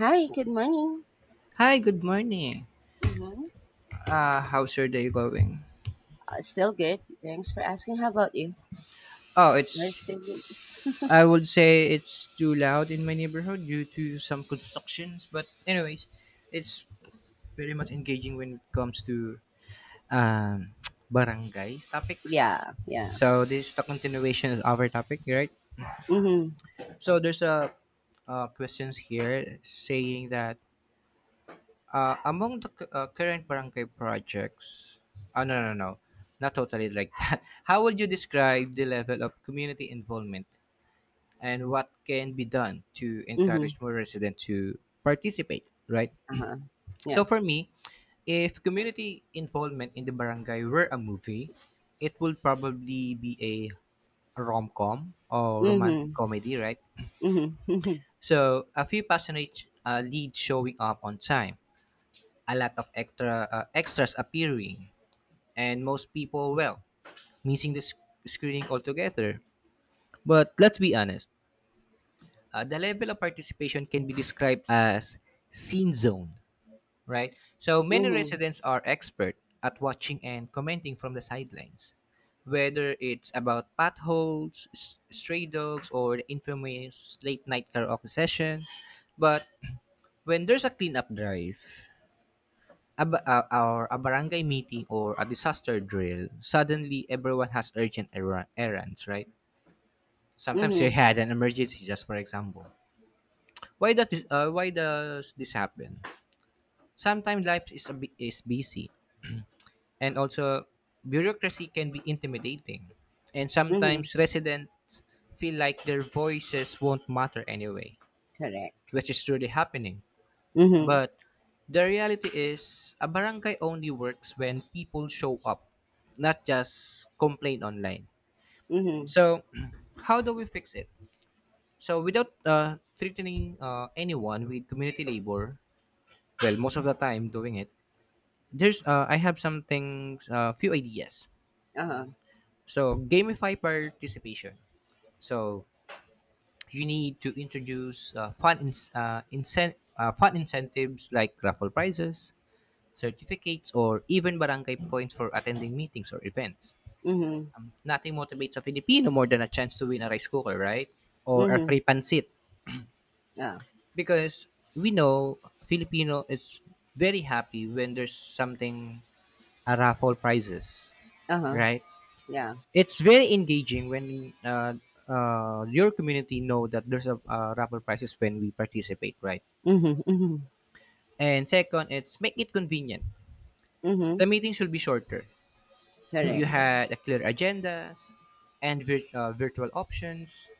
Hi, good morning. Hi, good morning. Mm-hmm. How's your day going? Still good. Thanks for asking. How about you? Oh, Are it's. still good? I would say it's too loud in my neighborhood due to some constructions, but anyways, it's very much engaging when it comes to um, barangays topics. Yeah, yeah. So this is the continuation of our topic, right? Mm-hmm. So there's a questions here saying that among the current barangay projects, oh, no, no, no, not totally like that. How would you describe the level of community involvement and what can be done to Mm-hmm. encourage more residents to participate, right? Uh-huh. Yeah. So for me, if community involvement in the barangay were a movie, it would probably be a rom-com or Mm-hmm. romantic comedy, right? Mm-hmm. So a few passionate leads showing up on time, a lot of extra extras appearing, and most people, well, missing the screening altogether. But let's be honest, the level of participation can be described as scene zone, right? So many Mm-hmm. residents are expert at watching and commenting from the sidelines, whether it's about potholes, stray dogs, or the infamous late night karaoke session. But when there's a cleanup drive, a barangay meeting or a disaster drill, suddenly everyone has urgent errands, right? Sometimes you Mm-hmm. had an emergency, just for example. Why does this happen? Sometimes life is busy, and also bureaucracy can be intimidating, and Mm-hmm. sometimes residents feel like their voices won't matter anyway, Correct. which is truly happening. Mm-hmm. But the reality is, a barangay only works when people show up, not just complain online. Mm-hmm. So, how do we fix it? So, without threatening anyone with community labor, well, most of the time doing it, there's I have some things, few ideas. Uh-huh. So, gamify participation. So, you need to introduce fun incentives like raffle prizes, certificates, or even barangay points for attending meetings or events. Mm-hmm. Nothing motivates a Filipino more than a chance to win a rice cooker, right? Or a Mm-hmm. free pancit. Yeah. Because we know Filipino is very happy when there's something, a raffle prizes, Uh-huh. right? Yeah. It's very engaging when your community know that there's a raffle prizes when we participate, right? Mm-hmm. Mm-hmm. And second, it's make it convenient. Mm-hmm. The meeting should be shorter. You Correct. had a clear agendas and virtual options,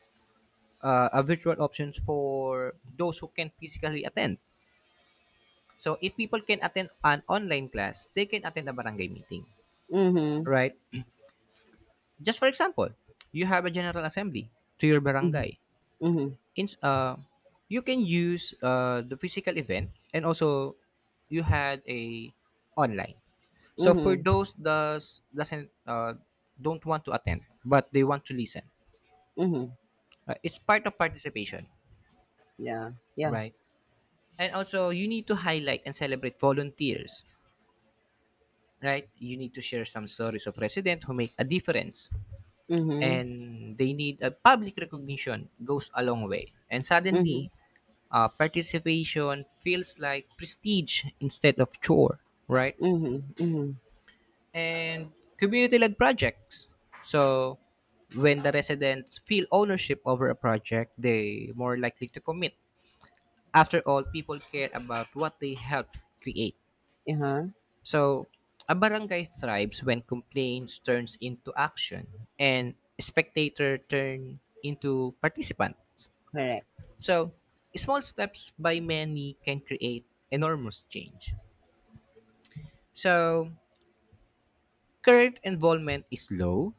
for those who can physically attend. So if people can attend an online class, they can attend a barangay meeting, Mm-hmm. right? Just for example, you have a general assembly to your Mm-hmm. barangay. Mm-hmm. In You can use the physical event and also you had a online. So for Mm-hmm. those does doesn't don't want to attend but they want to listen. Mm-hmm. It's part of participation, Yeah. Yeah. right? And also, you need to highlight and celebrate volunteers, right? You need to share some stories of residents who make a difference, Mm-hmm. and they need a public recognition goes a long way. And Mm-hmm. suddenly, participation feels like prestige instead of chore, right? Mm-hmm. Mm-hmm. And community-led projects. So, when the residents feel ownership over a project, they more likely to commit. After all, people care about what they helped create. Uh-huh. So, a barangay thrives when complaints turns into action and spectator turn into participants. Correct. So, small steps by many can create enormous change. So, current involvement is low.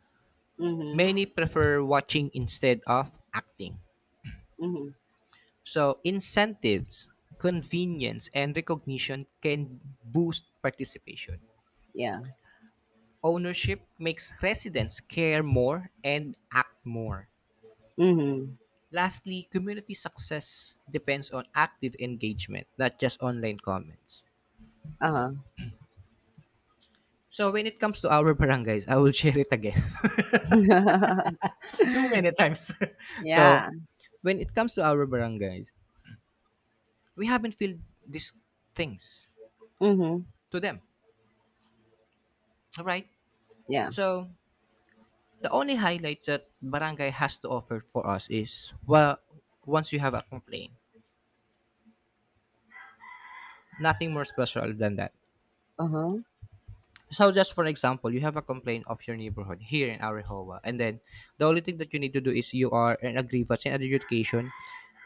Mm-hmm. Many prefer watching instead of acting. Mm-hmm. So, incentives, convenience, and recognition can boost participation. Yeah. Ownership makes residents care more and act more. Mhm. Lastly, community success depends on active engagement, not just online comments. Uh-huh. So when it comes to our barangays, I will share it again. Too many times. So Yeah. when it comes to our barangays, we haven't filled these things Mhm. to them. All right. Yeah. So the only highlights that barangay has to offer for us is, well, once you have a complaint, nothing more special than that. Uh-huh. So just for example, you have a complaint of your neighborhood here in Arahoa, and then the only thing that you need to do is you are an a grievance and adjudication.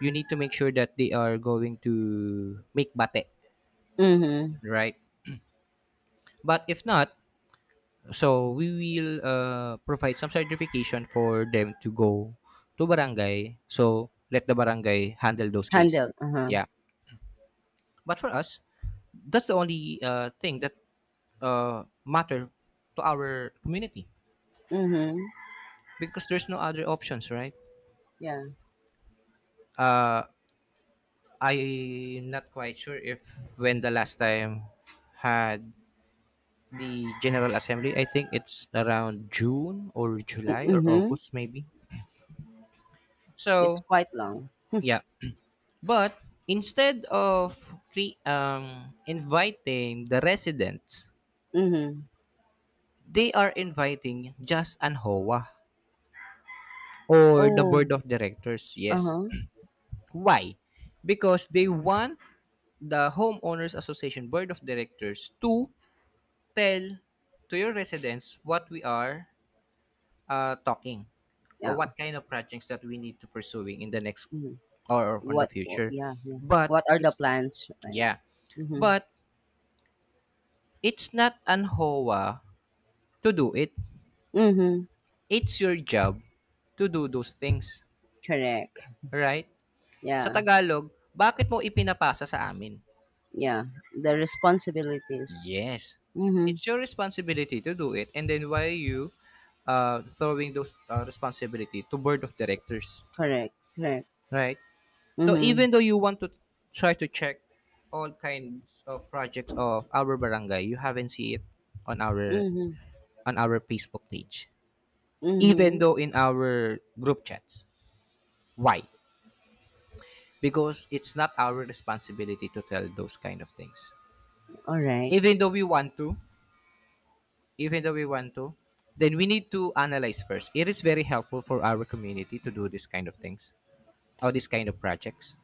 You need to make sure that they are going to make bate, Mhm. right? But if not, so we will provide some certification for them to go to barangay. So let the barangay handle those cases. Handle. Uh-huh. Yeah. But for us, that's the only thing that matter to our community Mhm. because there's no other options, right? Yeah. Uh, I'm not quite sure if when the last time had the General Assembly. I think it's around June or July or Mhm. August maybe. It's So quite long. yeah, but instead of inviting the residents, Mhm. they are inviting just Anhoa or the Oh. board of directors. Yes, Uh-huh. why? Because they want the homeowners association board of directors to tell to your residents what we are talking or Yeah. what kind of projects that we need to pursuing in the next Mhm. or on the What future. yeah, yeah. But What are the it's plans, right? Yeah, Mhm. but it's not an HOA to do it. Mhm. It's your job to do those things, Correct. right? Sa Yeah. Tagalog, bakit mo ipinapasa sa amin? Yeah. The responsibilities. Yes. Mhm. It's your responsibility to do it and then why are you throwing those responsibility to board of directors, Correct. Correct. right? So Mhm. even though you want to try to check all kinds of projects of our barangay, you haven't see it on our Mhm. on our Facebook page. Even Mhm. though in our group chats. Why? Because it's not our responsibility to tell those kind of things. All right. Even though we want to, Even though we want to, then we need to analyze first. It is very helpful for our community to do this kind of things or this kind of projects.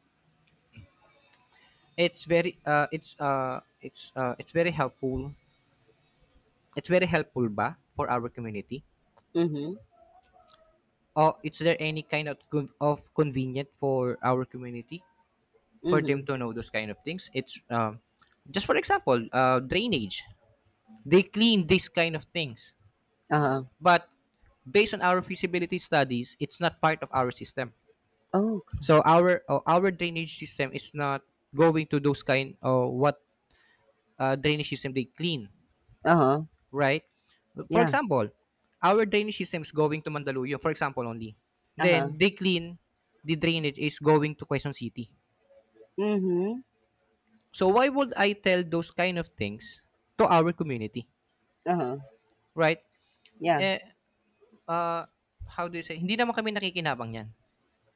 It's very helpful It's very helpful ba for our community? Mhm. Or is there any kind of convenient for our community for them Mhm. to know those kind of things? It's just for example, drainage. They clean these kind of things, Uh-huh. but based on our feasibility studies, it's not part of our system. Oh. So our drainage system is not going to those kind or what drainage system they clean. Uh-huh. Right? For Yeah. example, our drainage system is going to Mandaluyong, for example only. Uh-huh. Then they clean the drainage is going to Quezon City. Mhm. So why would I tell those kind of things to our community? Uh-huh. Right? Yeah. Eh, uh, how do you say? Hindi naman kami nakikinabang yan.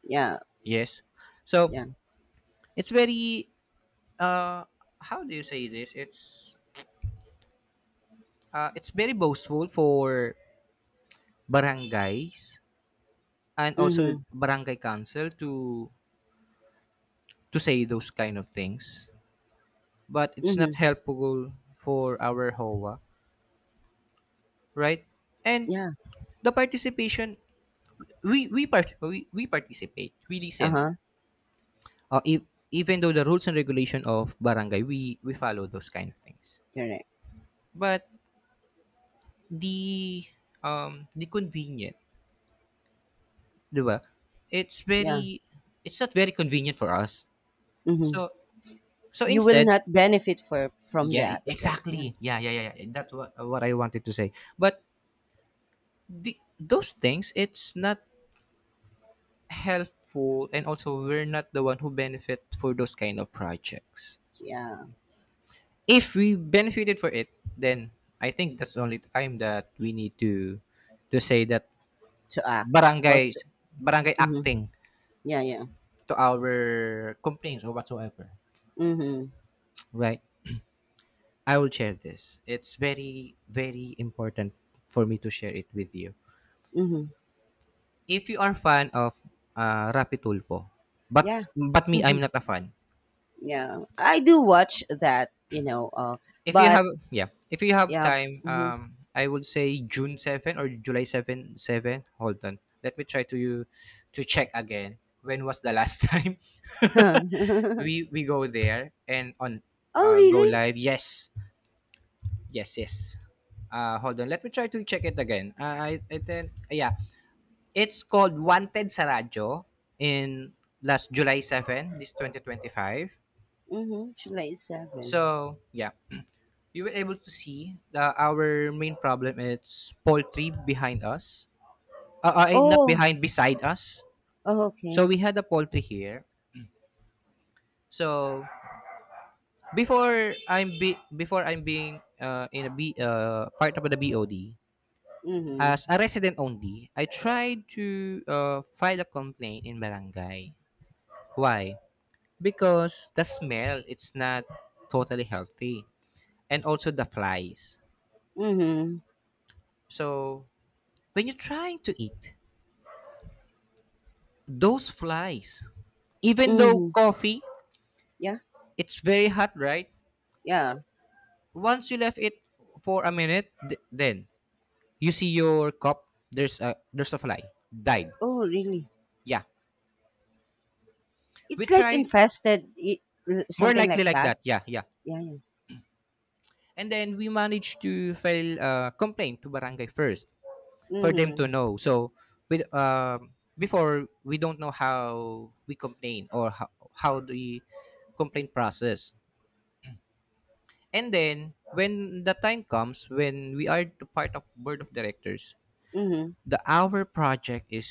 Yeah. Yes. So, Yeah. it's very, uh, how do you say this? It's very boastful for barangays and also Mhm. barangay council to say those kind of things, but it's not Mhm. helpful for our HOA, right? And Yeah. the participation, we participate, we listen. Uh-huh. If, even though the rules and regulation of barangay, we follow those kind of things. Correct. But the convenient, di ba? It's Yeah. very it's not very convenient for us. Mhm. So so You will instead, not benefit for from yeah, that, right? Yeah. exactly. Yeah, yeah, yeah. Yeah. That's what I wanted to say. But the, those things, it's not helpful and also we're not the one who benefit for those kind of projects. Yeah. If we benefited for it, then I think that's the only time that we need to say that To act or barangay to. barangay Mhm. acting Yeah, yeah. to our complaints or whatsoever, Mhm. right. I will share this, it's very important for me to share it with you. Mhm. If you are fan of Rapi Tulpo, but Yeah. Me I'm not a fan. Yeah. I do watch that, you know, If you but have, yeah, if you have yeah. time, Mhm. I would say June 7 or July seven. Hold on, let me try to you to check again. When was the last time we we go there and on Oh, go really? live? Yes, yes, yes. Hold on, let me try to check it again. I then yeah, it's called Wanted sa Radyo in last July 7, this 2025. Mhm. July 7. So yeah, we were able to see that our main problem is poultry behind us. Not Oh, behind, beside us. oh, So okay. we had a poultry here. So before I'm being in a B part of the BOD Mhm. as a resident only, I tried to file a complaint in barangay. Why? Because the smell it's not totally healthy, and also the flies. Mhm. So when you're trying to eat, those flies. Even though Mhm. coffee, Yeah. it's very hot, right? Yeah. Once you left it for a minute, then you see your cup. There's a fly died. Oh, really? Yeah, we It's like tried, infested, more something likely like like that. that. Yeah, yeah. Yeah, yeah. And then we managed to file a complaint to barangay first for them Mm-hmm. to know. So with before we don't know how we complain or how, the complaint process. And then when the time comes when we are the part of board of directors, Mm-hmm. the our project is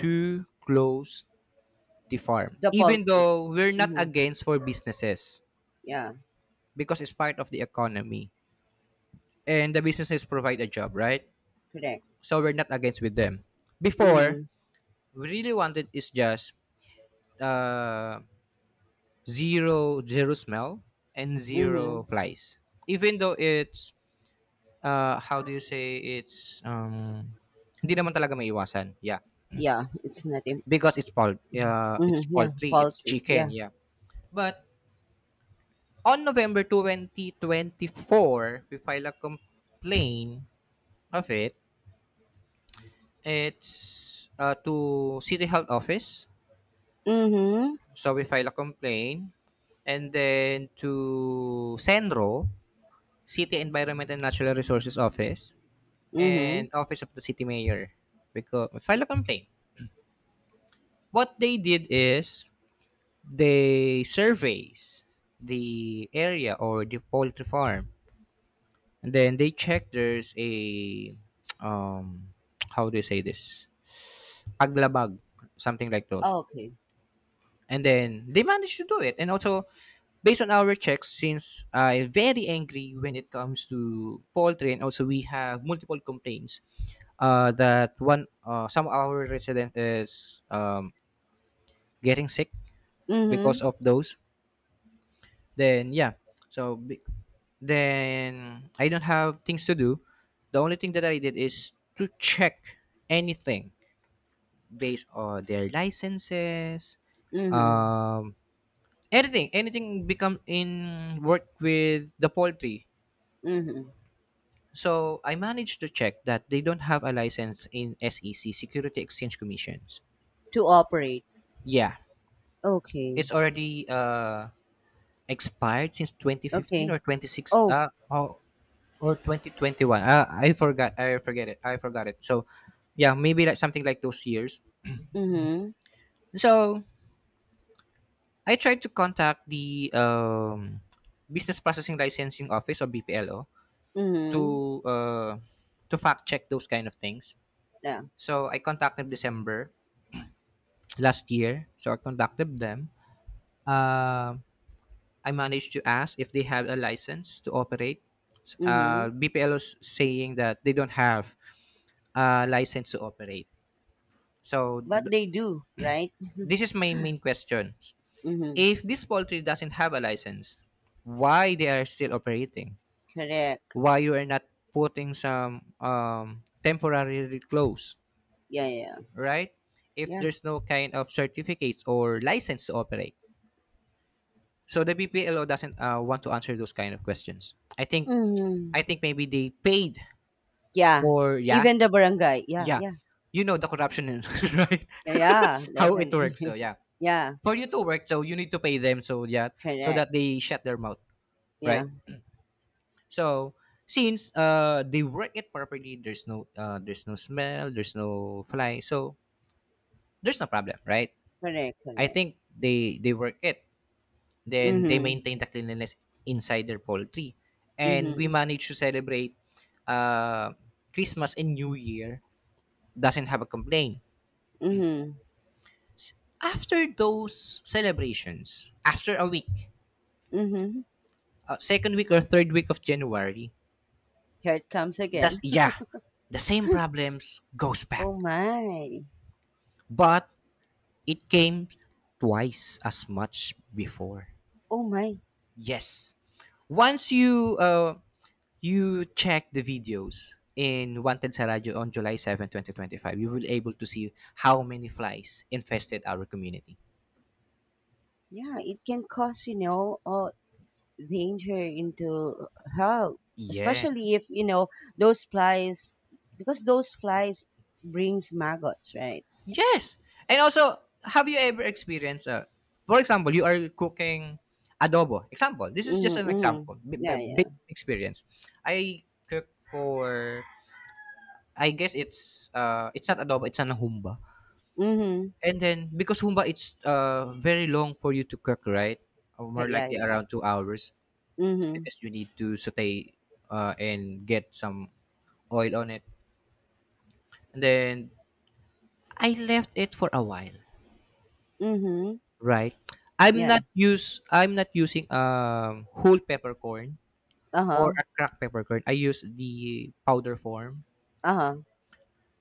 to close the farm. The Even poultry. though we're not Mm-hmm. against for businesses Yeah, because it's part of the economy and the businesses provide a job, right? correct. So we're not against with them. Before, Mm-hmm. we really wanted is just uh, zero smell and Mm-hmm. zero flies. Even though it's how do you say it's hindi naman talaga maiwasan. Yeah. Yeah, it's not. Because it's Mm-hmm. Yeah, poultry, it's poultry. chicken, Yeah. yeah. But on November 2024, we file a complaint of it. It's to City Health Office. Mm-hmm. So we file a complaint and then to Senro, City Environment and Natural Resources Office Mm-hmm. and Office of the City Mayor. Because file a complaint. What they did is they surveys the area or the poultry farm, and then they check there's a um how do you say this, paglabag, something like those. Okay. And then they managed to do it, and also based on our checks, since I'm very angry when it comes to poultry, and also we have multiple complaints that one, some of our resident is getting sick Mm-hmm. because of those. Then yeah, so be- then I don't have things to do. The only thing that I did is to check anything based on their licenses, Mm-hmm. um, anything, anything become in work with the poultry. Mm-hmm. So I managed to check that they don't have a license in SEC, Security Exchange Commissions. To operate. Yeah, Okay. it's already expired since 2015 Okay. or 26. Oh. Oh, or 2021. I forgot it so yeah, maybe like something like those years. Mm-hmm. So I tried to contact the business processing licensing office or bplo Mm-hmm. to uh, to fact check those kind of things. Yeah. So I contacted December last year, so I contacted them. Um I managed to ask if they have a license to operate. Mm-hmm. Bplo's saying that they don't have a license to operate, so But they do, right? this is my main question. Mm-hmm. If this poultry doesn't have a license, why they are still operating? Correct. Why you are not putting some temporary close, Yeah, yeah, yeah. right? If Yeah. there's no kind of certificates or license to operate, so the BPLO doesn't want to answer those kind of questions. Mm-hmm. I think maybe they paid Yeah, for, yeah, even the barangay. Yeah, yeah, yeah. you know the corruption is right Yeah, yeah, how it works. So definitely. yeah, Yeah, for you to work, so you need to pay them. So yeah, so correct. that they shut their mouth, Yeah, right? So since they work it properly, there's no smell, there's no fly, so there's no problem, right? correct, I correct. think they work it. Then they Mm-hmm. maintain the cleanliness inside their poultry, and we Mm-hmm. manage to celebrate uh Christmas and New Year doesn't have a complaint. Mm-hmm. After those celebrations, after a week, Mm-hmm. Second week or third week of January, Here it comes that's again. yeah, the same problems goes back. Oh my. But it came twice as much before. Oh my. Yes. Once you you check the videos in Wanted sa Radyo on July 7, 2025, you will able to see how many flies infested our community. Yeah, it can cause, you know, danger into health, Yes. especially if, you know, those flies, because those flies brings maggots, right? Yes. And also, have you ever experienced, for example, you are cooking adobo. Example. This is just an Mm-hmm. Mm-hmm. example. Yeah, yeah. Big experience. I cook for, I guess it's not adobo, it's an humba. Mm-hmm. And then because humba it's very long for you to cook, right? Yeah, more yeah, likely yeah. around 2 hours, Mm-hmm. because you need to saute and get some oil on it. And then I left it for a while, Mm-hmm. right? Yeah. I'm not using whole peppercorn or Uh-huh, a cracked peppercorn. I use the powder form. uh-huh.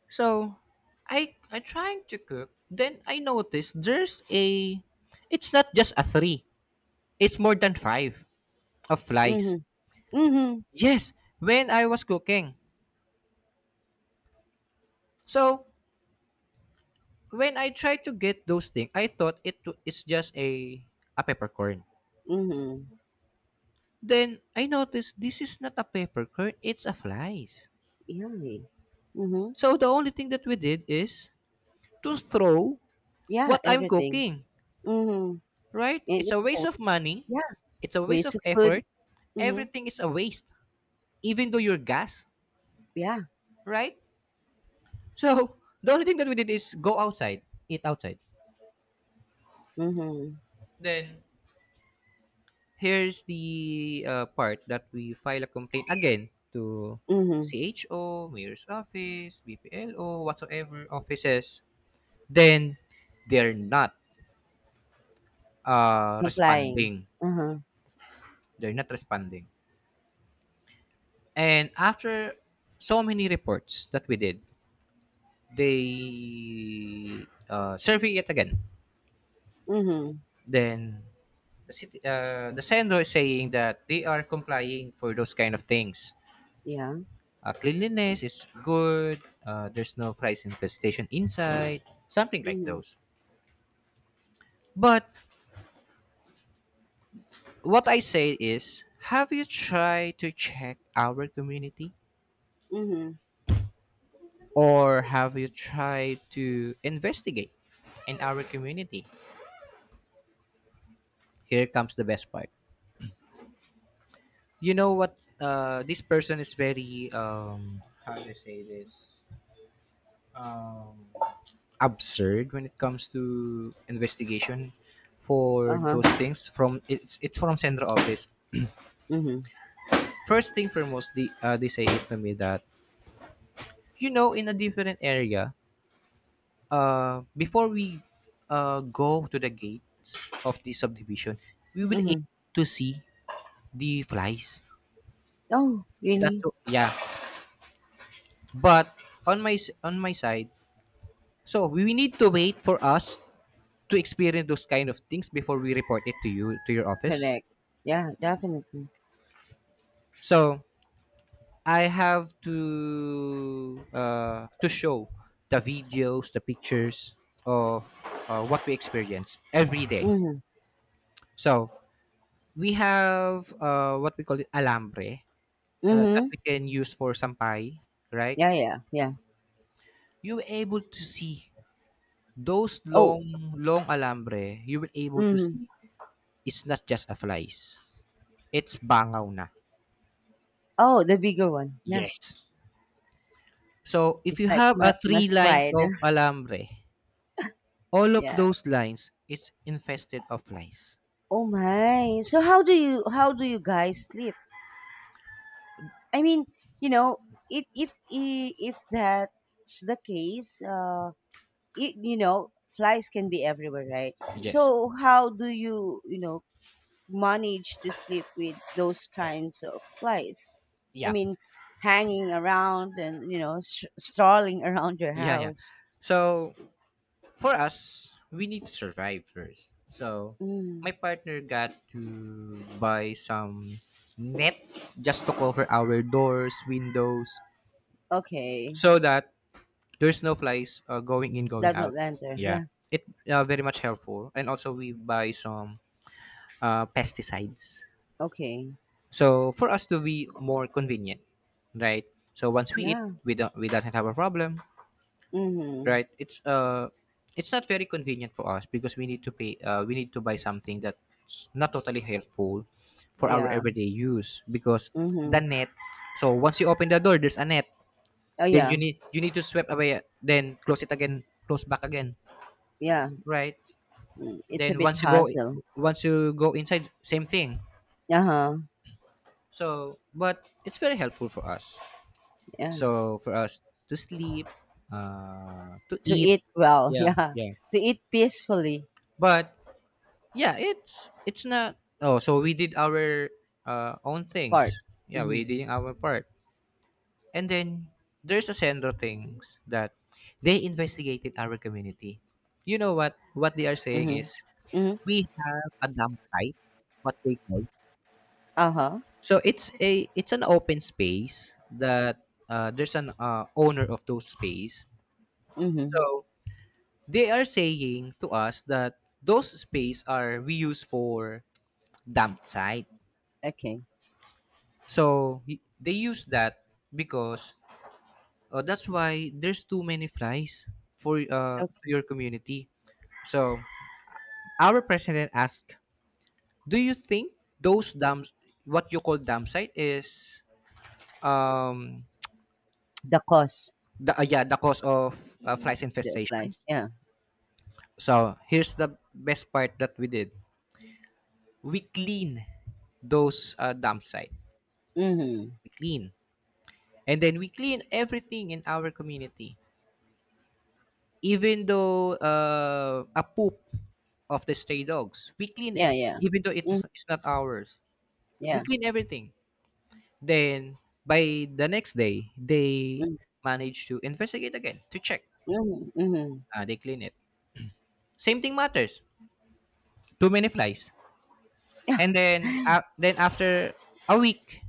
So I trying to cook. Then I noticed there's a, it's not just a three. It's more than 5. Of flies. Mhm, mhm, Yes, when I was cooking. So when I tried to get those things, I thought it's just a peppercorn. mhm. Then I noticed this is not a peppercorn; it's a flies. Yummy. Mhm. So the only thing that we did is to throw Yeah, what I'm everything. cooking. Mhm. Right? And It's you a waste know, of money. yeah, It's a waste waste of of food. effort. Mhm. Everything is a waste, even though your gas, Yeah. right? So the only thing that we did is go outside, eat outside. Mhm. Then here's the part that we file a complaint again to Mhm. CHO, Mayor's Office, BPLO, whatsoever offices, then they're not Complying. responding. Uh-huh. They're not responding. And after so many reports that we did, they survey it again. Mhm. Then the sender is saying that they are complying for those kind of things. Yeah. Cleanliness is good. There's no flies infestation inside. Something like Mhm. those. But what I say is, have you tried to check our community, Mhm. or have you tried to investigate in our community? Here comes the best part. You know what? This person is very. How do I say this? Um, absurd when it comes to investigation for Uh-huh. those things from it's from central office. Mhm. First thing foremost, they say it to me that, you know, in a different area, before we go to the gates of the subdivision, we will Mhm. able to see the flies. Oh, really? Yeah. But on on my side, so we need to wait for us to experience those kind of things before we report it to you to your office. Correct. Yeah, definitely. So I have to show the videos, the pictures of what we experience every day. Mhm. So we have what we call it alambre that Mhm. we can use for sampai, right? Yeah, yeah, yeah. You were able to see those Oh. long alambre. You were able to Mhm. see it's not just a flies. It's bangaw na. Oh, the bigger one. Yeah. Yes. So if It's you like have a 3 musk lines cried. of alambre, all of Yeah. those lines is infested of flies. Oh my. So how do you guys sleep? I mean, you know, it if I- if that's the case, it, you know, flies can be everywhere, right? So Yes. how do you, you know, manage to sleep with those kinds of flies? I Yeah, mean, hanging around and, you know, strolling around your yeah, yeah. house. So for us, we need to survive first. So my Mm, partner got to buy some net just to cover our doors windows, okay. so that there's no flies going in going That out. would enter. Yeah, Yeah. it very much helpful, and also we buy some pesticides. Okay. So for us to be more convenient, right? So once we eat, Yeah. We doesn't have a problem, Mhm. right? It's uh, it's not very convenient for us because we need to pay we need to buy something that's not totally helpful for our Yeah. everyday use because the Mm-hmm. net, so once you open the door there's a net, Oh then yeah. You need to sweep away, then close it again, close back again, Yeah, right? mm, it's a Then bit once you go, hassle. once you go inside, same thing. Uh-huh. So but it's very helpful for us. Yeah. So for us to sleep, to To eat, eat well, yeah, yeah. yeah. To eat peacefully But yeah, it's not. Oh, so we did our own things. part. Yeah, Mm-hmm. we did our part. And then there's a Sendro things that they investigated our community. You know what? What they are saying Mm-hmm. is Mm-hmm. we have a dump site, what they call. Uh-huh. So it's a, it's an open space that there's an owner of those space. Mm-hmm. So they are saying to us that those space are we use for dump site. Okay. So they use that because that's why there's too many flies for Okay. your community. So our president asked, "Do you think those dams, what you call dam site, is um The cost the yeah, the cause of flies that applies. infestations?" Yeah. So here's the best part that we did: we clean those dam site. Mm-hmm. We clean, and then we clean everything in our community, even though a poop of the stray dogs, we clean it, Yeah, yeah. even though Mm-hmm. It's not ours, we Yeah. clean everything. Then by the next day, they manage to investigate again to check, Mm-hmm. Mm-hmm. They clean it, same thing matters, too many flies. Yeah. And then after a week,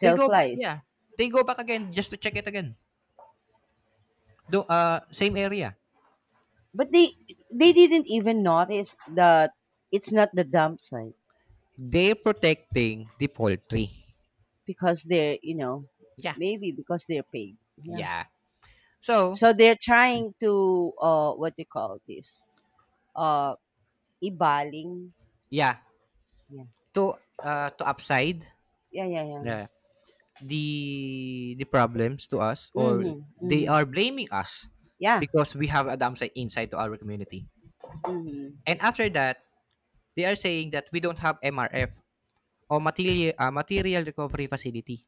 they flies. yeah, they go back again just to check it again, though same area. But they didn't even notice that it's not the dump site They protecting the poultry. because they're, you know, Yeah. maybe because they're paid. Yeah. Yeah. So, So they're trying to what do you call this? Uh, ibaling. yeah, Yeah. to uh, to upside Yeah, yeah, yeah. the the the problems to us, or Mhm. they Mhm. are blaming us Yeah. because we have a dam inside to our community. Mhm. And after that, they are saying that we don't have MRF or material material recovery facility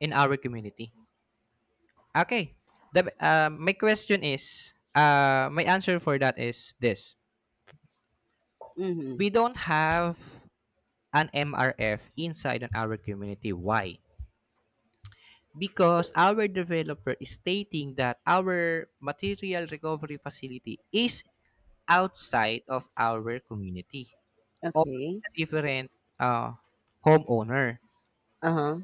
in our community. Okay. The my question is uh, my answer for that is this. Mhm. We don't have an MRF inside on our community. Why? Because our developer is stating that our material recovery facility is outside of our community or Okay. a different uh, homeowner. Uh-huh.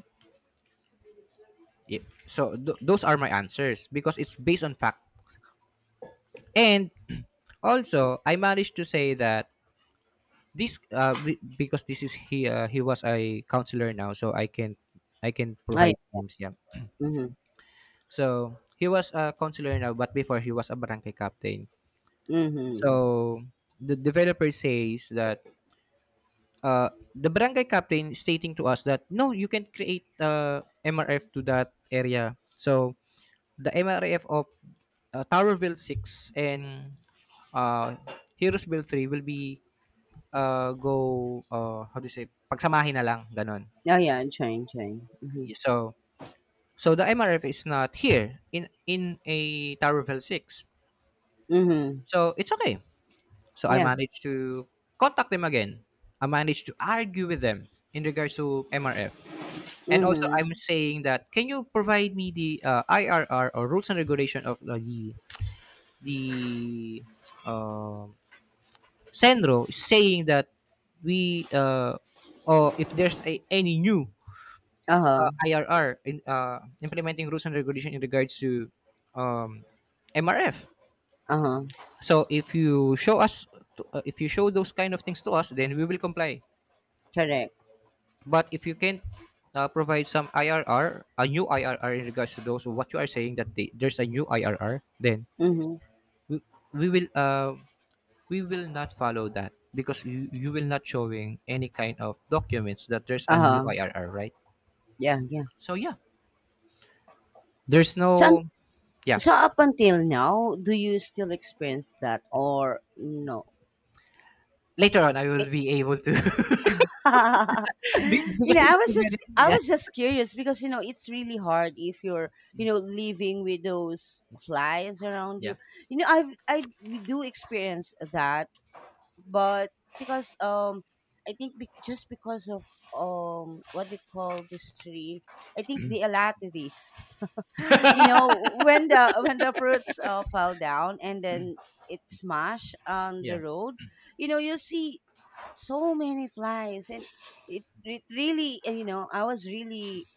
Yeah. So those are my answers because it's based on fact. And also, I managed to say that this because this is he was a counselor now, so I can Oh, yeah. provide names. Yeah. Mhm. So he was a counselor now, but before he was a barangay captain. Mhm. So the developer says that uh, the barangay captain is stating to us that no, you can create MRF to that area. So the MRF of Towerville 6, and uh, Heroesville 3 will be go how do you say, pagsamahin na lang ganon. Oh yeah, I'm trying, trying. Mhm. So, so the MRF is not here in a Towerville 6. Mhm. So it's okay. So I Yeah. managed to contact them again. I managed to argue with them in regards to MRF. And also, I'm Mhm. saying that can you provide me the IRR or rules and regulation of the um Senro is saying that we or if there's a, any new Uh-huh. IRR in implementing rules and regulation in regards to um, MRF. Uh-huh. So if you show us, to, if you show those kind of things to us, then we will comply. Correct. But if you can provide some IRR, a new IRR in regards to those, what you are saying that they, there's a new IRR, then Mhm. we, we will uh, we will not follow that because you will not showing any kind of documents that there's a new Uh-huh. IRR, right? Yeah, yeah. So yeah, there's So un- no yeah. so up until now, do you still experience that or no? Later on, I will be able to You because know, this I is a was just very I yeah, was just curious because you know it's really hard if you're, you know, living with those flies around yeah, you. You know, I've I we do experience that, but because I think just because of what do you call this tree? I think the alateris. You know when the fruits fell down and then it smashed on yeah, the road, you know, you see so many flies and it really, and you know I was really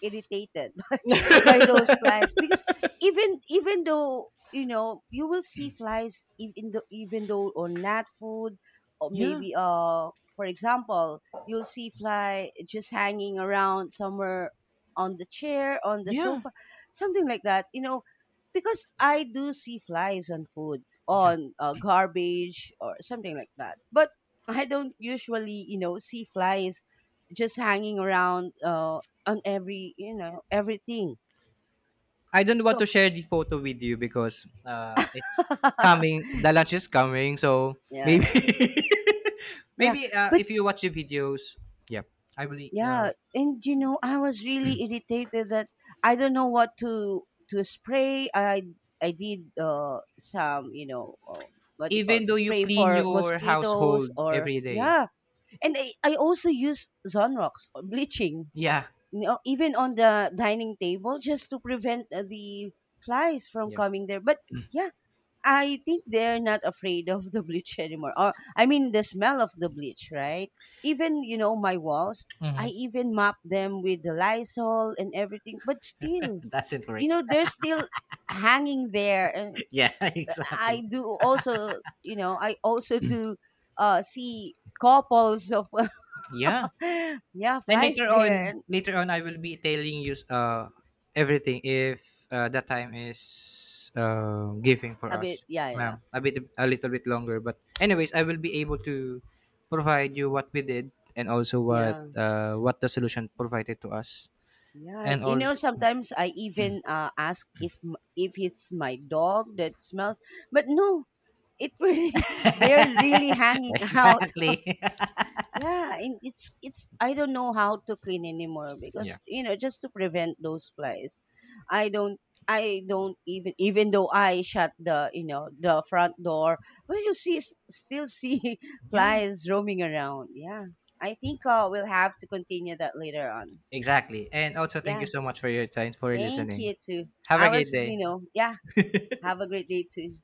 irritated by those flies because even though you know you will see flies even though on nat food or yeah, maybe for example you'll see fly just hanging around somewhere, on the chair, on the yeah. sofa, something like that, you know, because I do see flies on food, on garbage or something like that, but I don't usually, you know, see flies just hanging around on every, you know, everything. I don't want So to share the photo with you because it's coming. The lunch is coming, so yeah, maybe yeah, yeah. maybe But if you watch the videos, yeah, I believe. yeah, and you know, I was really irritated that I don't know what to spray. I did some, you know, what do you call Even the though you spray clean for your mosquitoes household or every day, yeah, and I also use Zonrox or bleaching. yeah, You know, even on the dining table just to prevent the flies from yeah, coming there. But yeah, I think they're not afraid of the bleach anymore. Or I mean the smell of the bleach, right? Even, you know, my walls, I hmm, even mop them with the Lysol and everything, but still, that's it, you Rick. know, they're still hanging there, and yeah, I exactly. do also, you know, I also do see couples of Yeah. yeah, And flies later there on, and later on, I will be telling you everything if the time is giving for a bit us. yeah, yeah. A bit, a little bit longer, but anyways, I will be able to provide you what we did and also Yeah. What the solution provided to us, Yeah, and you know, also sometimes I even ask if if it's my dog that smells, but no, it really they're really hanging out. exactly, Yeah, and it's I don't know how to clean anymore yeah, because you know just to prevent those flies, I don't I don't even, even though I shut the, you know, the front door, but you see still see yeah, flies roaming around. Yeah, I think we'll have to continue that later on. exactly. And also, thank you Yeah. so much for your time for Thank listening. you too. Have I a great was, you day. know, yeah. Have a great day too.